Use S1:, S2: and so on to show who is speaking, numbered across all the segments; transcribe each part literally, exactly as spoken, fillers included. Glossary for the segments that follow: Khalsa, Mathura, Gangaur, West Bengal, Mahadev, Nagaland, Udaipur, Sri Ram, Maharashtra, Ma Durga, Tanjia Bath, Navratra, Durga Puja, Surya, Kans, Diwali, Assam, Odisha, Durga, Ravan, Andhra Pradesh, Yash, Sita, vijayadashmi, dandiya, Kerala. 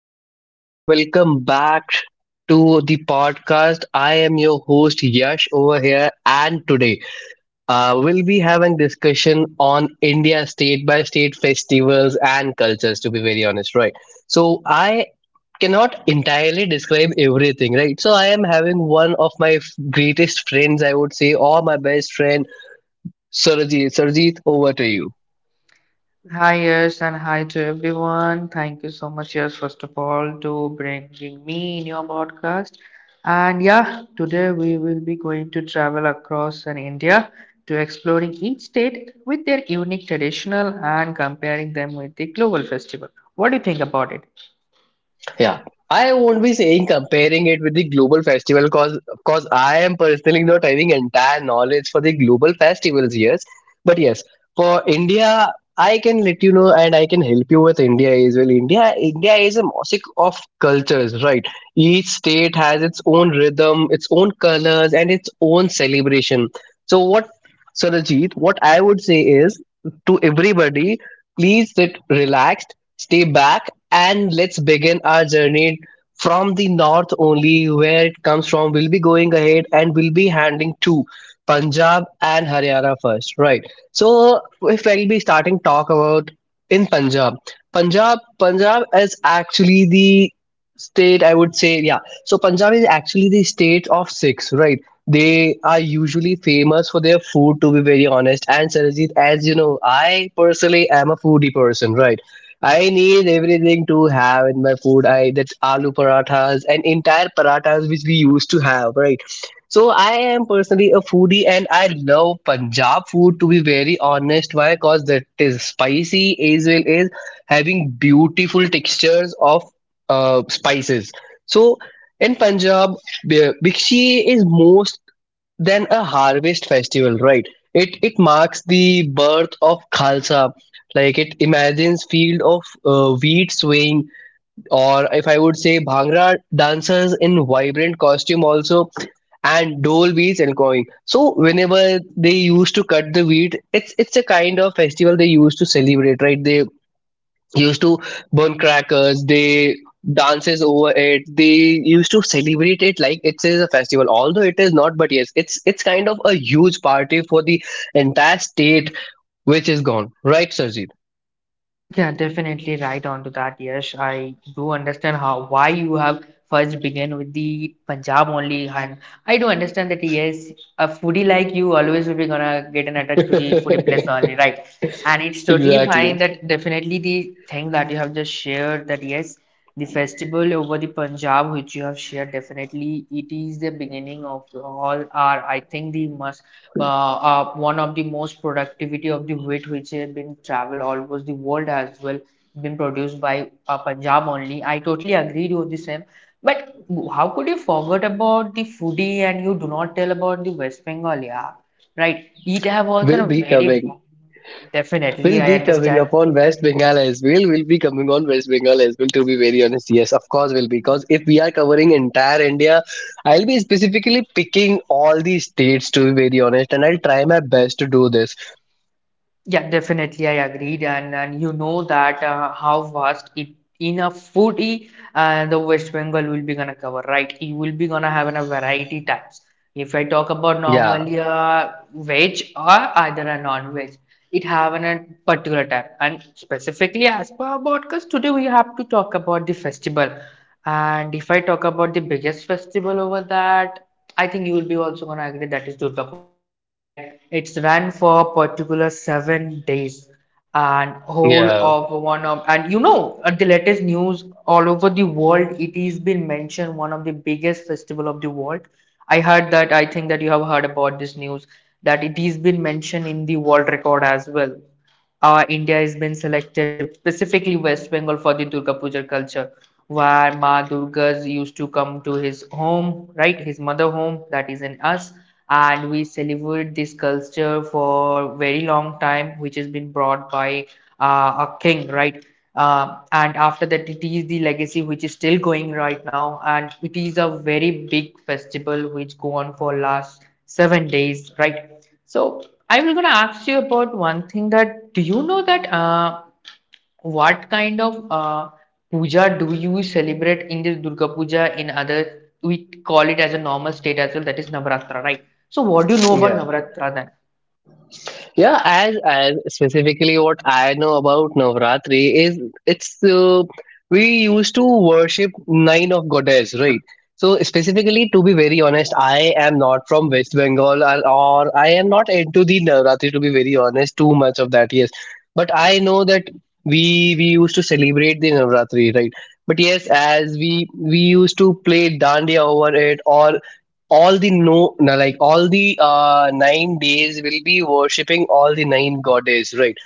S1: everybody. Welcome back to the podcast. I am your host Yash over here, and today uh, we'll be having discussion on India state by state festivals and cultures. To be very honest, right? So I cannot entirely describe everything, right? So I am having one of my f- greatest friends, I would say, or my best friend, Surajit. Surajit, over to you.
S2: Hi, yes, and hi to everyone. Thank you so much, yes, first of all, to bringing me in your podcast. And yeah, today we will be going to travel across an India to exploring each state with their unique traditional and comparing them with the global festival. What do you think about it?
S1: Yeah. I won't be saying comparing it with the global festival because of course I am personally not having entire knowledge for the global festivals, yes. But yes, for India, I can let you know and I can help you with India as well. India India is a mosaic of cultures, right? Each state has its own rhythm, its own colors, and its own celebration. So what Sarajit, what I would say is to everybody, please sit relaxed, stay back and let's begin our journey from the north only, where it comes from. We'll be going ahead and we'll be handling to Punjab and Haryana first, right? So, if we will be starting talk about in Punjab, Punjab, Punjab is actually the state I would say, yeah. So, Punjab is actually the state of six, right? They are usually famous for their food, to be very honest. And Sarajit, as you know, I personally am a foodie person, right? I need everything to have in my food. I that aloo parathas and entire parathas which we used to have, right? So I am personally a foodie and I love Punjab food to be very honest. Why? Because that is spicy as well as having beautiful textures of uh, spices. So in Punjab, the Bikshi is most then a harvest festival, right? It it marks the birth of Khalsa. Like it imagines field of uh, wheat swaying, or if I would say, Bhangra dancers in vibrant costume also, and dole beats and going. So whenever they used to cut the wheat, it's it's a kind of festival they used to celebrate, right? They used to burn crackers, they dances over it, they used to celebrate it like it is a festival, although it is not, but yes, it's it's kind of a huge party for the entire state which is gone, right Sarjeet?
S2: Yeah, definitely right on to that. Yes, I do understand how why you have first began with the Punjab only, and I do understand that yes, a foodie like you always will be gonna get an attack to the foodie place only, right? And it's totally fine
S1: Exactly,
S2: that definitely the thing that you have just shared that yes, the festival over the Punjab which you have shared definitely it is the beginning of all our I think the must uh, uh, one of the most productivity of the wheat which has been traveled almost the world as well been produced by uh, Punjab only. I totally agreed with the same. But how could you forget about the foodie and you do not tell about the West Bengal? Yeah, right. It have also
S1: will
S2: a
S1: be
S2: very
S1: coming.
S2: definitely
S1: Will
S2: I
S1: be coming
S2: understand.
S1: upon West Bengal as well. Will be coming on West Bengal as well. To be very honest, yes, of course will be, because if we are covering entire India, I'll be specifically picking all the states. To be very honest, and I'll try my best to do this.
S2: Yeah, definitely, I agreed, and and you know that uh, how vast it in a foodie, uh, the West Bengal will be gonna cover, right? You will be gonna have a variety types. If I talk about
S1: Yeah,
S2: normally a veg or either a non-veg, it have an- a particular type, and specifically as per our podcast today, we have to talk about the festival. And if I talk about the biggest festival over that, I think you will be also gonna agree that is Durga Puja, right? It's run for particular seven days and whole
S1: yeah,
S2: of one of and you know at the latest news all over the world it is been mentioned one of the biggest festival of the world. I heard that I think that you have heard about this news that it is been mentioned in the world record as well. uh, India has been selected specifically West Bengal for the Durga Puja culture, where Ma Durga used to come to his home, right, his mother home that is in us, and we celebrate this culture for very long time, which has been brought by uh, a king, right. Uh, and after that, it is the legacy which is still going right now, and it is a very big festival which go on for last seven days, right? So I'm going to ask you about one thing that do you know that uh, what kind of uh, puja do you celebrate in this Durga Puja in other we call it as a normal state as well that is Navratra, right? So what do you know about
S1: yeah.
S2: Navratra then?
S1: Yeah, as as specifically what I know about Navratri is it's uh, we used to worship nine of goddess, right? So specifically, to be very honest, I am not from West Bengal, or, or I am not into the Navratri. To be very honest, too much of that, yes. But I know that we we used to celebrate the Navratri, right? But yes, as we we used to play dandiya over it, or all the no like all the uh, nine days will be worshipping all the nine goddess, right?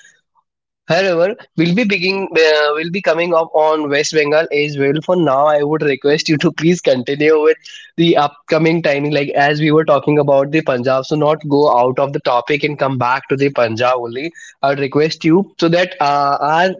S1: However, we'll be begin uh, will be coming up on West Bengal as well. For now, I would request you to please continue with the upcoming timing, like as we were talking about the Punjab, so not go out of the topic and come back to the Punjab only, I would request you, so that uh, our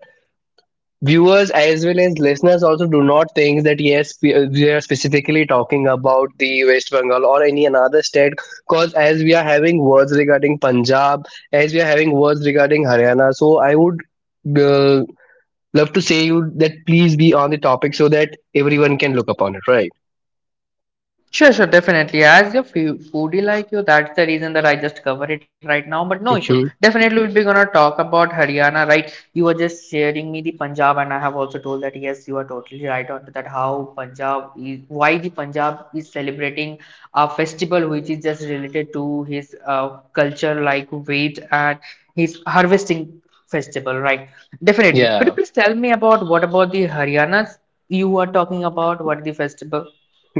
S1: viewers as well as listeners also do not think that yes we we are specifically talking about the West Bengal or any another state, because as we are having words regarding Punjab, as we are having words regarding Haryana, so I would uh, love to say you that please be on the topic so that everyone can look upon it, right?
S2: Sure, sure, definitely. As a foo- foodie like you, that's the reason that I just cover it right now. But no issue.
S1: Hmm,
S2: Definitely, we'll be gonna talk about Haryana, right? You were just sharing me the Punjab, and I have also told that yes, you are totally right on that. How Punjab is, why the Punjab is celebrating a festival which is just related to his uh, culture, like wheat and his harvesting festival, right? Definitely. Could
S1: yeah.
S2: you please tell me about what about the Haryana's you are talking about? What the festival?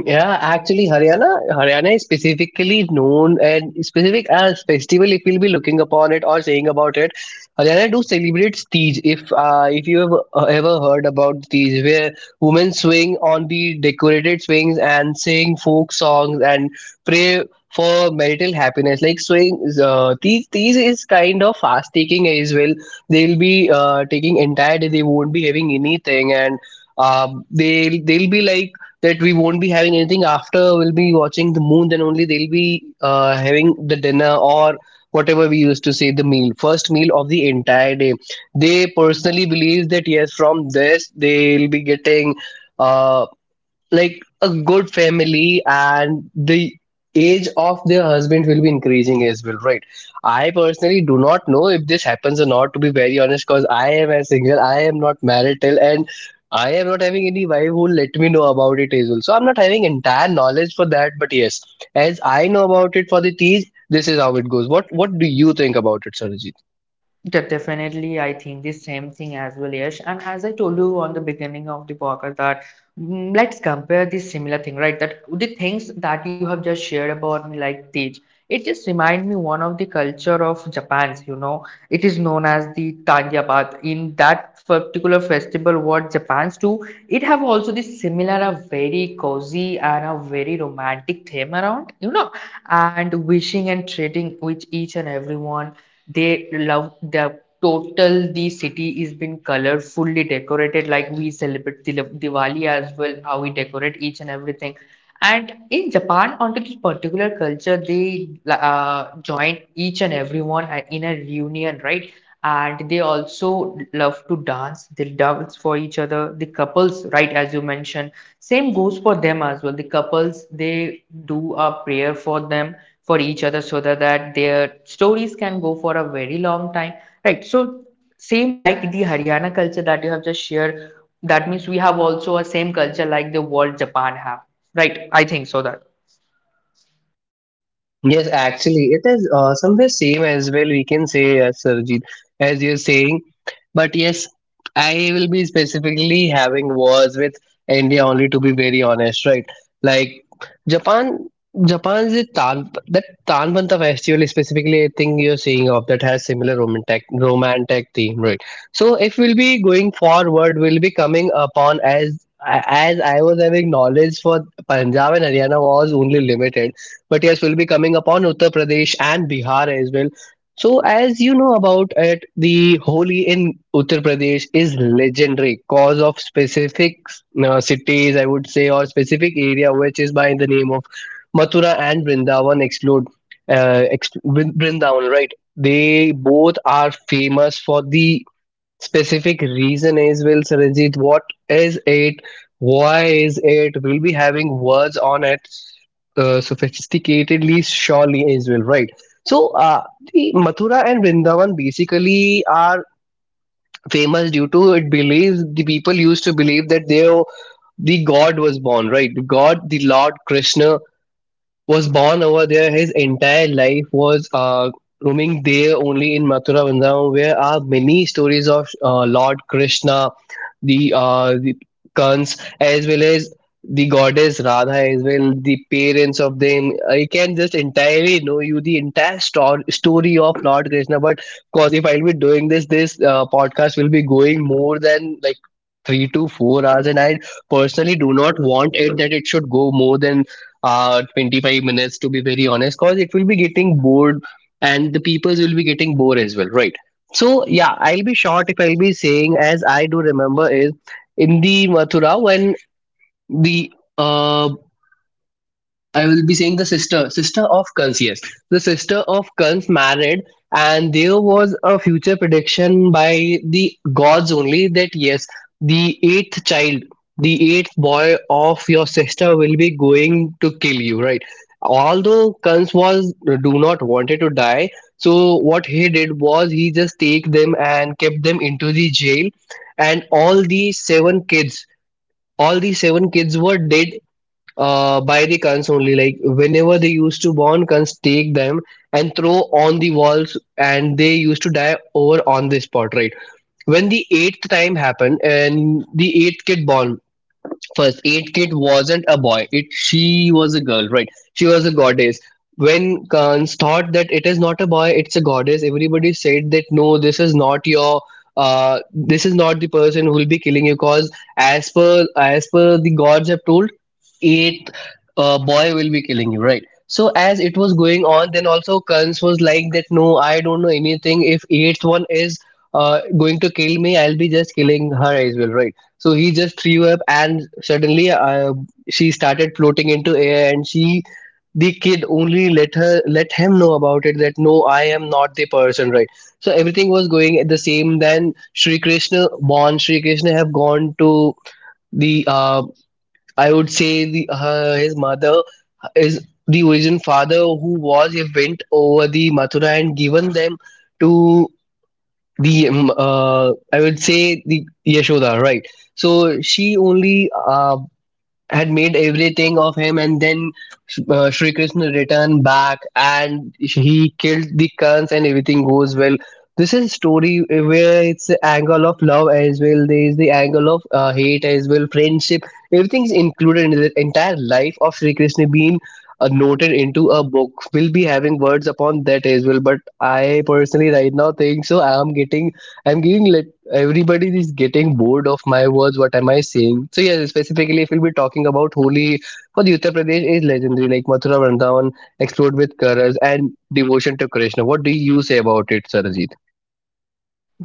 S1: Yeah, actually, Haryana, Haryana is specifically known and specific as festival. If you'll be looking upon it or saying about it, Haryana do celebrates Tej. If uh, if you have uh, ever heard about Tej, where women swing on the decorated swings and sing folk songs and pray for marital happiness. Like swing, uh, Tej, Tej is kind of fast taking as well. They'll be uh, taking entire day. They won't be having anything and. Um, they'll they'll be like that we won't be having anything, after we'll be watching the moon then only they'll be uh, having the dinner or whatever we used to say the meal, first meal of the entire day. They personally believe that yes, from this they'll be getting uh, like a good family and the age of their husband will be increasing as well, right? I personally do not know if this happens or not, to be very honest, because I am a single, I am not married till, and I am not having any wife who let me know about it as well, so I'm not having entire knowledge for that. But yes, as I know about it for the teas, this is how it goes. What what do you think about it, sir?
S2: De- Definitely, I think the same thing as well, Yash. And as I told you on the beginning of the podcast, that mm, let's compare the similar thing, right? That the things that you have just shared about me, like the it just reminds me one of the culture of Japan's, you know, it is known as the Tanjia Bath. In that particular festival, what Japan's do, it have also this similar, a very cozy and a very romantic theme around, you know, and wishing and trading with each and everyone. They love the total the city is been colorfully decorated like we celebrate Dil- Diwali as well, how we decorate each and everything and in Japan, onto this particular culture, they like, uh, join each and everyone a- in a reunion, right? And they also love to dance. They dance for each other. The couples, right, as you mentioned, same goes for them as well. The couples, they do a prayer for them, for each other, so that, that their stories can go for a very long time, right? So same like the Haryana culture that you have just shared, that means we have also a same culture like the world Japan have. Right, I think so that.
S1: Yes, actually, it is uh, somewhere same as well. We can say, uh, Sarjeet, as you're saying. But yes, I will be specifically having wars with India only, to be very honest, right? Like Japan, Japan's the Tan, that Tanbanta festival specifically, I think you're saying of that has similar romantic romantic theme, right? So if we'll be going forward, we'll be coming upon as as I was having knowledge for Punjab and Haryana was only limited, but yes, we'll be coming upon Uttar Pradesh and Bihar as well. So, as you know about it, the Holi in Uttar Pradesh is legendary cause of specific uh, cities, I would say, or specific area, which is by the name of Mathura and Vrindavan explode, uh, ex- Vrindavan, right? They both are famous for the specific reason is well Saranjit, what is it, why is it, we'll be having words on it uh, sophisticatedly, surely as well, right? So uh, the Mathura and Vrindavan basically are famous due to it believes, the people used to believe that they, the god was born, right, god the Lord Krishna was born over there. His entire life was uh, roaming there only in Mathura Vrindavan, where are many stories of uh, Lord Krishna, the, uh, the Kans, as well as the goddess Radha, as well the parents of them. I can just entirely know you the entire stor- story of Lord Krishna. But of course, if I'll be doing this, this uh, podcast will be going more than like three to four hours, and I personally do not want it that it should go more than uh twenty-five minutes, to be very honest, because it will be getting bored and the peoples will be getting bored as well, right? So yeah, I'll be short, if I'll be saying as I do remember is, in the Mathura, when the uh I will be saying the sister, sister of Kun's, yes. The sister of Kun's married, and there was a future prediction by the gods only that yes, the eighth child, the eighth boy of your sister will be going to kill you, right? Although Kun's was do not wanted to die, so what he did was he just take them and kept them into the jail, and all the seven kids, all the seven kids were dead uh, by the cons only. Like whenever they used to burn cons, take them and throw on the walls, and they used to die over on the spot. Right, when the eighth time happened and the eighth kid born, first aid kid wasn't a boy, it she was a girl, right, she was a goddess. When Kans thought that it is not a boy, it's a goddess, everybody said that no, this is not your uh, this is not the person who will be killing you, because as per as per the gods have told, eighth uh, boy will be killing you, right? So as it was going on, then also Kans was like that no, I don't know anything, if eighth one is uh, going to kill me, I'll be just killing her as well, right? So he just threw up, and suddenly uh, she started floating into air, and she, the kid, only let her, let him know about it. That no, I am not the person, right? So everything was going at the same. Then Sri Krishna, born Sri Krishna, have gone to the, uh, I would say the uh, his mother is the origin father who was a went over the Mathura and given them to the um, uh, I would say the Yashoda, right? So she only uh, had made everything of him and then uh, Shri Krishna returned back and he killed the Kans and everything goes well. This is story where it's the angle of love as well. There is the angle of uh, hate as well, friendship. Everything's included in the entire life of Shri Krishna being uh, noted into a book. We'll be having words upon that as well. But I personally right now think so. I am getting, I'm giving everybody is getting bored of my words. What am I saying? So yeah, specifically, if we'll be talking about Holi for the Uttar Pradesh is legendary. Like Mathura Vrindavan explored with colors and devotion to Krishna. What do you say about it, Sarajit?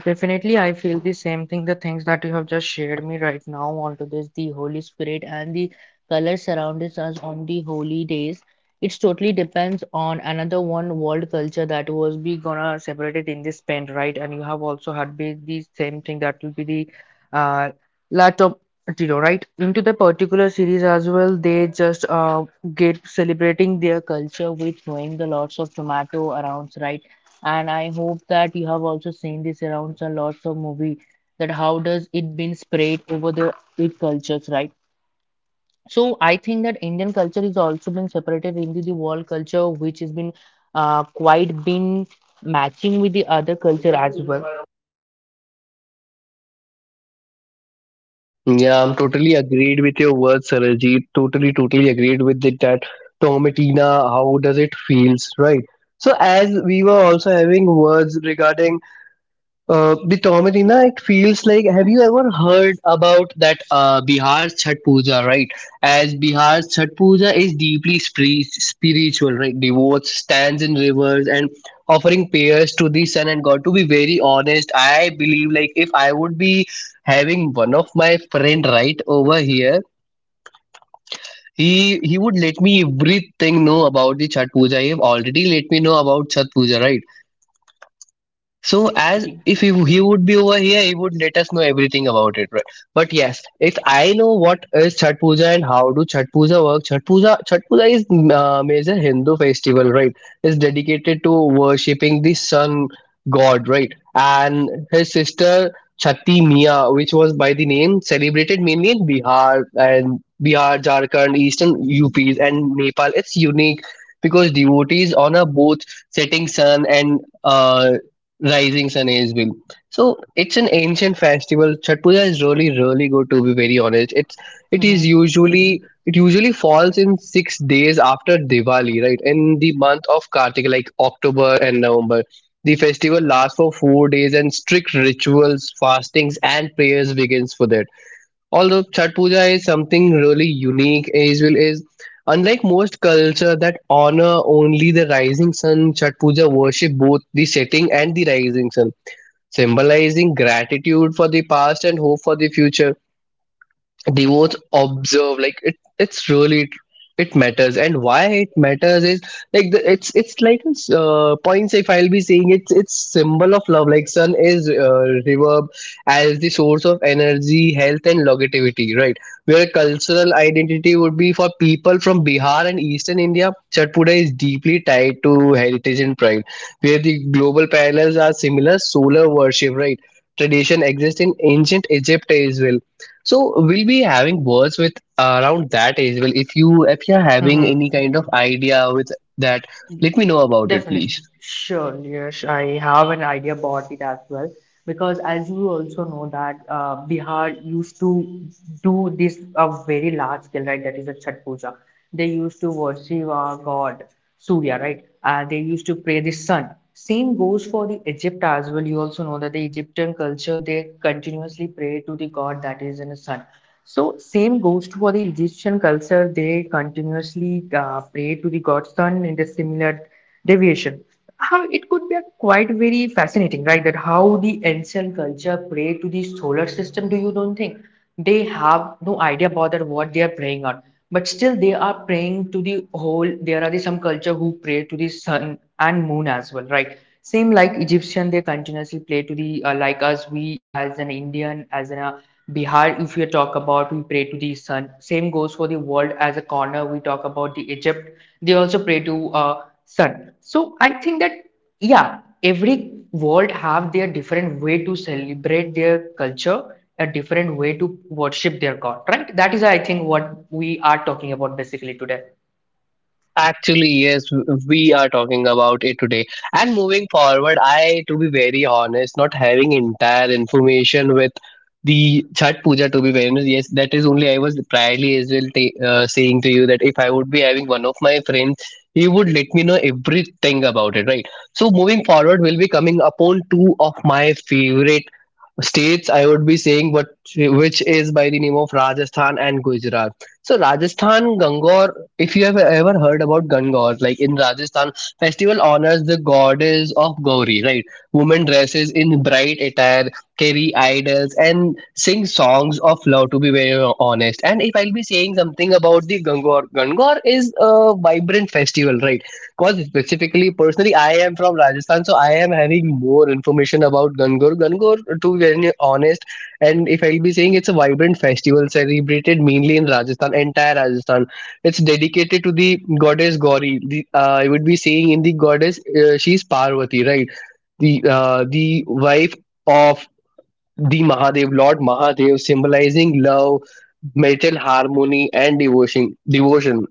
S2: Definitely, I feel the same thing. The things that you have just shared me right now onto this, the Holy Spirit and the colors surrounds us on the holy days. It's totally depends on another one world culture that was be gonna separated in this pen, right? And you have also had be the same thing that will be the uh laptop zero, right? Into the particular series as well, they just uh get celebrating their culture with throwing the lots of tomato around, right? And I hope that you have also seen this around some lots of movie that how does it been spread over the it cultures, right? So I think that Indian culture is also being separated into the world culture, which has been uh, quite been matching with the other culture as well.
S1: Yeah, I'm totally agreed with your words, Sarajit. Totally, totally agreed with it, that Tomatina. How does it feels, right? So as we were also having words regarding Uh, Bitomarina, it feels like, have you ever heard about that uh, Bihar Chhat Puja, right? As Bihar Chhat Puja is deeply spri- spiritual, right? Devotes stands in rivers and offering prayers to the sun and God. To be very honest, I believe like if I would be having one of my friend right over here, he he would let me everything know about the Chhat Puja. He have already let me know about Chhat Puja, right? So as
S2: Mhm.
S1: if he, he would be over here, he would let us know everything about it, right? But yes, if I know what is Chhat Puja and how do Chhat Puja work, Chhat Puja, Chhat Puja is uh, major Hindu festival, right? It's dedicated to worshipping the sun god, right? And his sister Chhati Mia, which was by the name, celebrated mainly in Bihar and Bihar, Jharkhand, Eastern U Ps, and Nepal. It's unique because devotees honor both setting sun and uh. Risings and Age Bill. So it's an ancient festival. Chhat Puja is really, really good to be very honest. It's it is usually it usually falls in six days after Diwali, right? In the month of Kartik, like October and November. The festival lasts for four days and strict rituals, fastings and prayers begins for that. Although Chhat Puja is something really unique, Israel is unlike most culture that honor only the rising sun. Chhat Puja worship both the setting and the rising sun, symbolizing gratitude for the past and hope for the future, the observe like it it's really it matters, and why it matters is like the, it's it's like uh, points, if I'll be saying, it's it's symbol of love. Like sun is uh, reverb as the source of energy, health and longevity, right, where cultural identity would be for people from Bihar and eastern India. Chat Puja is deeply tied to heritage and pride, where the global parallels are similar solar worship, right? Tradition exists in ancient Egypt as well. So we'll be having words with uh, around that age. Well, if you if you're having
S2: Mhm.
S1: any kind of idea with that, let me know about it,
S2: Definitely.
S1: please.
S2: Sure, Yash, I have an idea about it as well. Because as you also know that uh, Bihar used to do this a very large scale, right? That is a Chhat Puja. They used to worship our god Surya, right? And they used to pray the sun. Same goes for the Egypt as well. You also know that the Egyptian culture they continuously pray to the god that is in the sun. So same goes to for the Egyptian culture. They continuously uh, pray to the god sun in the similar deviation. How it could be a quite very fascinating, right? That how the ancient culture pray to the solar system. Do you don't think they have no idea about that what they are praying on? But still, they are praying to the whole. There are the, some culture who pray to the sun and moon as well, right? Same like Egyptian, they continuously pray to the uh, like us. We as an Indian, as an uh, Bihar, if you talk about, we pray to the sun. Same goes for the world as a corner. We talk about the Egypt. They also pray to. Uh, son. So I think that yeah, every world have their different way to celebrate their culture, a different way to worship their god, right? That is I think what we are talking about basically today.
S1: Actually, yes, w- we are talking about it today. And moving forward, I, to be very honest, not having entire information with the Chhat Puja. To be very honest, yes, that is only I was priorly as well ta- uh, saying to you that if I would be having one of my friends, he would let me know everything about it, right? So moving forward, we'll be coming upon two of my favorite states, I would be saying what, which is by the name of Rajasthan and Gujarat. So Rajasthan Gangor, if you have ever heard about Gangor, like in Rajasthan festival, honors the goddess of Gauri, right? Women dresses in bright attire, carry idols and sing songs of love, to be very honest. And if I'll be saying something about the Gangor, Gangor is a vibrant festival, right? Because specifically, personally, I am from Rajasthan, so I am having more information about Gangaur. Gangaur, to be very honest, and if I'll be saying, it's a vibrant festival celebrated mainly in Rajasthan, entire Rajasthan. It's dedicated to the goddess Gauri. The, uh, I would be saying in the goddess, uh, she's Parvati, right? The uh, the wife of the Mahadev, Lord Mahadev, symbolizing love, marital harmony, and devotion. Devotion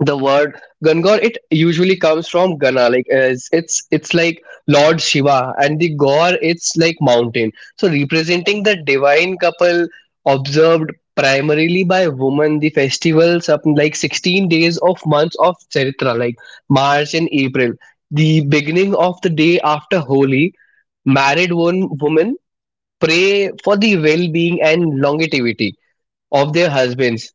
S1: the word Gangor, it usually comes from Gana, like uh, it's, it's it's like Lord Shiva, and the Gaur, it's like mountain. So representing the divine couple observed primarily by women, the festivals up like sixteen days of months of Chaitra, like March and April. The beginning of the day after Holi, married one women pray for the well-being and longevity of their husbands,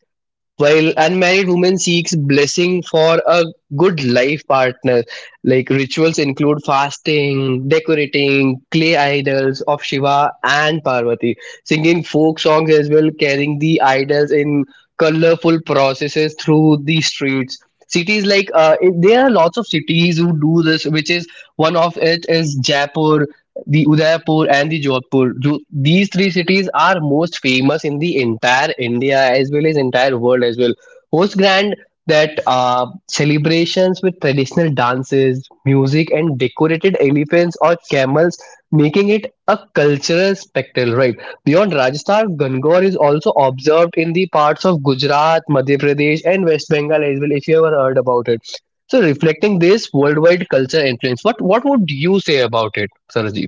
S1: while unmarried woman seeks blessing for a good life partner, like rituals include fasting, decorating clay idols of Shiva and Parvati, singing folk songs as well, carrying the idols in colorful processes through the streets. Cities like uh, it- there are lots of cities who do this, which is one of it is Jaipur, the Udaipur and the Jodhpur. Jo- These three cities are most famous in the entire India as well as entire world as well. Host grand that uh, celebrations with traditional dances, music, and decorated elephants or camels, making it a cultural spectacle. Right, beyond Rajasthan, Gangor is also observed in the parts of Gujarat, Madhya Pradesh, and West Bengal as well. If you ever heard about it. So reflecting this worldwide culture influence, what what would you say about it, Saraj?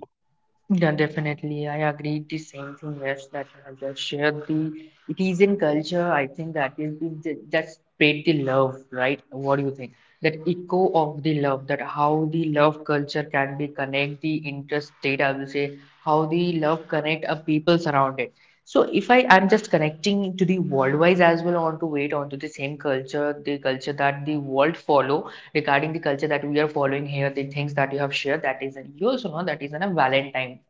S2: Yeah, definitely. I agree the same thing, yes, that you have just shared the it is in culture, I think that is the- that spread the love, right? What do you think? That echo of the love, that how the love culture can be connect the interstate, I will say, how the love connect a people surround it. So if I am just connecting to the worldwise as well, on to wait onto the same culture, the culture that the world follow, regarding the culture that we are following here, the things that you have shared, that is, you also know that is on a Valentine,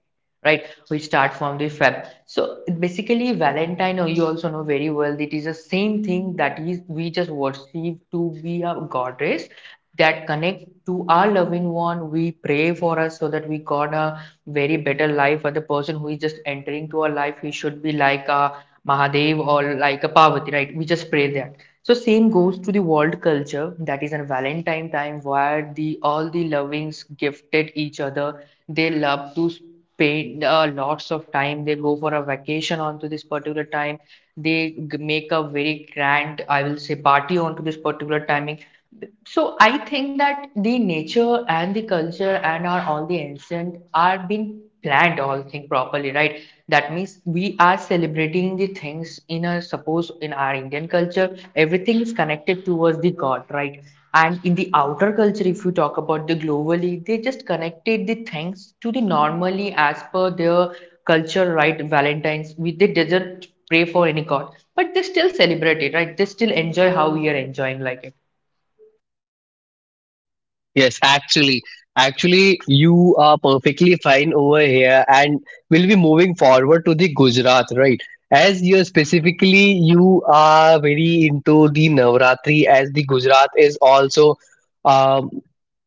S2: right? We start from the Feb. So basically, Valentine, uh, you also know very well, it is the same thing that is we just worship to be a goddess that connect to our loving one. We pray for us so that we got a very better life. For the person who is just entering to our life, he should be like a Mahadev or like a Parvati, right? We just pray that so same goes to the world culture that is on Valentine time where the all the lovings gifted each other. They love to spend uh, lots of time. They go for a vacation onto this particular time. They g- make a very grand, I will say, party onto this particular timing. So I think that the nature and the culture and our all the ancient are being planned all thing properly, right? That means we are celebrating the things in a suppose in our Indian culture everything is connected towards the god, right? And in the outer culture if you talk about the globally they just connected the things to the normally as per their culture, right? Valentines we they didn't pray for any god but they still celebrate it, right? They still enjoy how we are enjoying like it.
S1: Yes, actually, actually, you are perfectly fine over here, and we'll be moving forward to the Gujarat, right? As you're specifically, you are very into the Navratri, as the Gujarat is also. Um,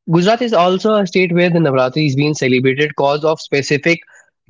S1: Gujarat is also a state where the Navratri is being celebrated because of specific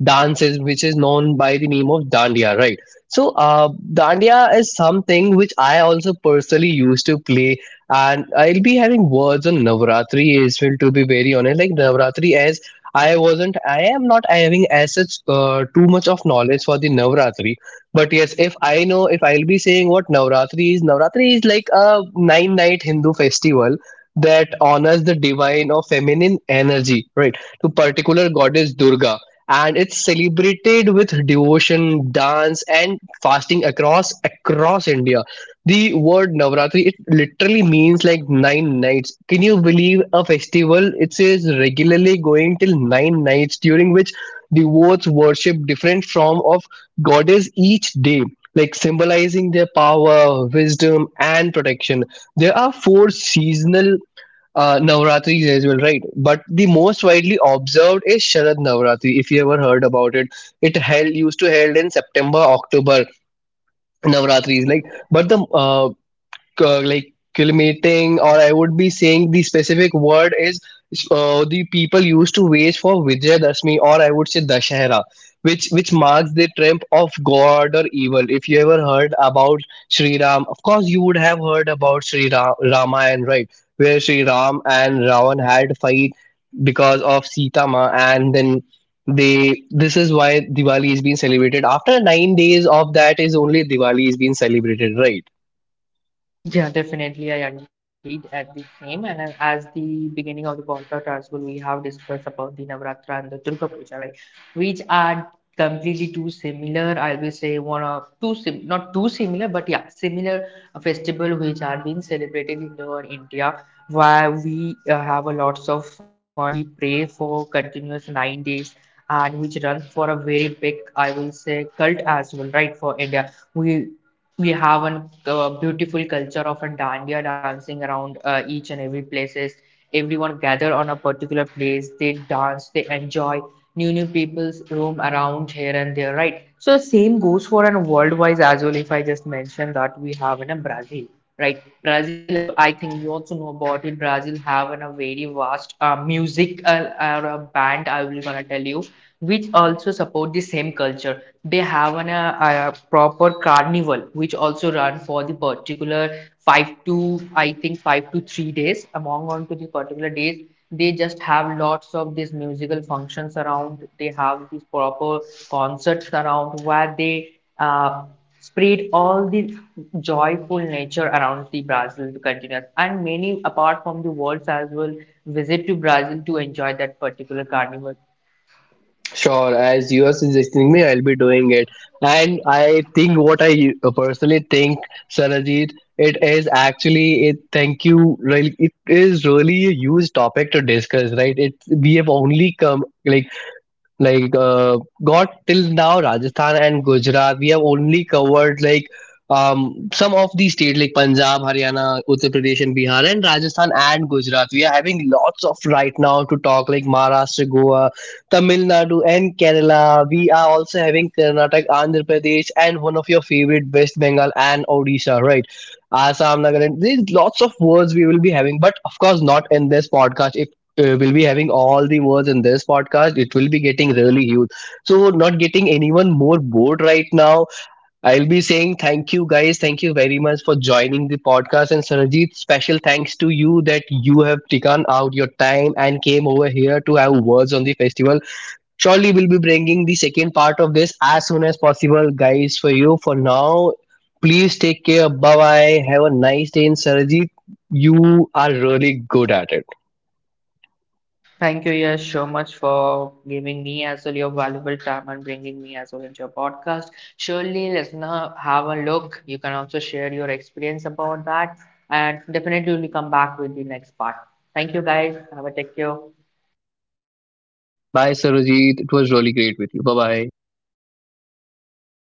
S1: dances, which is known by the name of dandiya, right? So, uh, dandiya is something which I also personally used to play, and I'll be having words on Navratri as well. To be very honest, like Navratri, as I wasn't, I am not having as such uh, too much of knowledge for the Navratri. But yes, if I know, if I'll be saying what Navratri is, Navratri is like a nine night Hindu festival that honors the divine or feminine energy, right, to particular goddess Durga. And it's celebrated with devotion, dance, and fasting across across India. The word Navratri it literally means like nine nights. Can you believe a festival? It says regularly going till nine nights, during which devotees worship different form of goddess each day, like symbolizing their power, wisdom, and protection. There are four seasonal uh, Navratris as well, right? But the most widely observed is Sharad Navratri. If you ever heard about it, it held used to held in September, October Navratris, like. But the uh, uh, like acclimating, or I would be saying the specific word is, uh, the people used to wage for Vijayadashmi, or I would say Dashahara, which which marks the triumph of god or evil. If you ever heard about Sri Ram, of course you would have heard about sri Ra- Ramayana, right, where Sri Ram and Ravan had a fight because of Sita Ma, and then they this is why Diwali is being celebrated after nine days of that is only Diwali is being celebrated, right?
S2: Yeah, definitely. I agreed at the same. And uh, as the beginning of the podcast as well, we have discussed about the Navratra and the Durga Puja, right? Which are completely too similar. I will say one of two sim not too similar, but yeah, similar uh, festival which are being celebrated in our India, where we uh, have a lots of fun. We pray for continuous nine days. And which runs for a very big, I will say, cult as well, right? For India, we we have a uh, beautiful culture of a dandiya dancing around uh, each and every places. Everyone gather on a particular place they dance they enjoy new new people's roam around here and there, right? So same goes for an worldwide as well if I just mention that we have in a Brazil, right? Brazil as you I think you also know about it Brazil have in a very vast uh, music uh, uh, band I will gonna tell you which also support the same culture. They have an, uh, a proper carnival which also run for the particular five to I think five to three days. Among onto the particular days, they just have lots of these musical functions around. They have these proper concerts around where they uh, spread all the joyful nature around the Brazil continent and many apart from the worlds as well visit to Brazil to enjoy that particular carnival.
S1: Sure, as you are suggesting me, I'll be doing it. And I think what I u- personally think, Sarajit, it is actually it. Thank you. Like it is really a huge topic to discuss, right? It we have only come like like uh, got till now Rajasthan and Gujarat. We have only covered like um some of the state like Punjab, Haryana, Uttar Pradesh and Bihar, and Rajasthan and Gujarat. We are having lots of right now to talk like Maharashtra, Goa, Tamil Nadu and Kerala. We are also having Karnataka, Andhra Pradesh, and one of your favorite West Bengal and Odisha, right, Assam, Nagaland. There's lots of words we will be having, but of course not in this podcast. uh, will be having all the words in this podcast, it will be getting really huge. So not getting anyone more bored right now, I'll be saying thank you guys, thank you very much for joining the podcast. And Sarajit, special thanks to you that you have taken out your time and came over here to have words on the festival. Surely we'll be bringing the second part of this as soon as possible guys, for you for now. Please take care, bye bye, have a nice day. And Sarajit, you are really good at it.
S2: Thank you, Yash, so much for giving me as well your valuable time and bringing me as well into your podcast. Surely, listener, have a look. You can also share your experience about that, and definitely we'll come back with the next part. Thank you, guys. Have a take care.
S1: Bye, Sarojit. It was really great with you. Bye bye.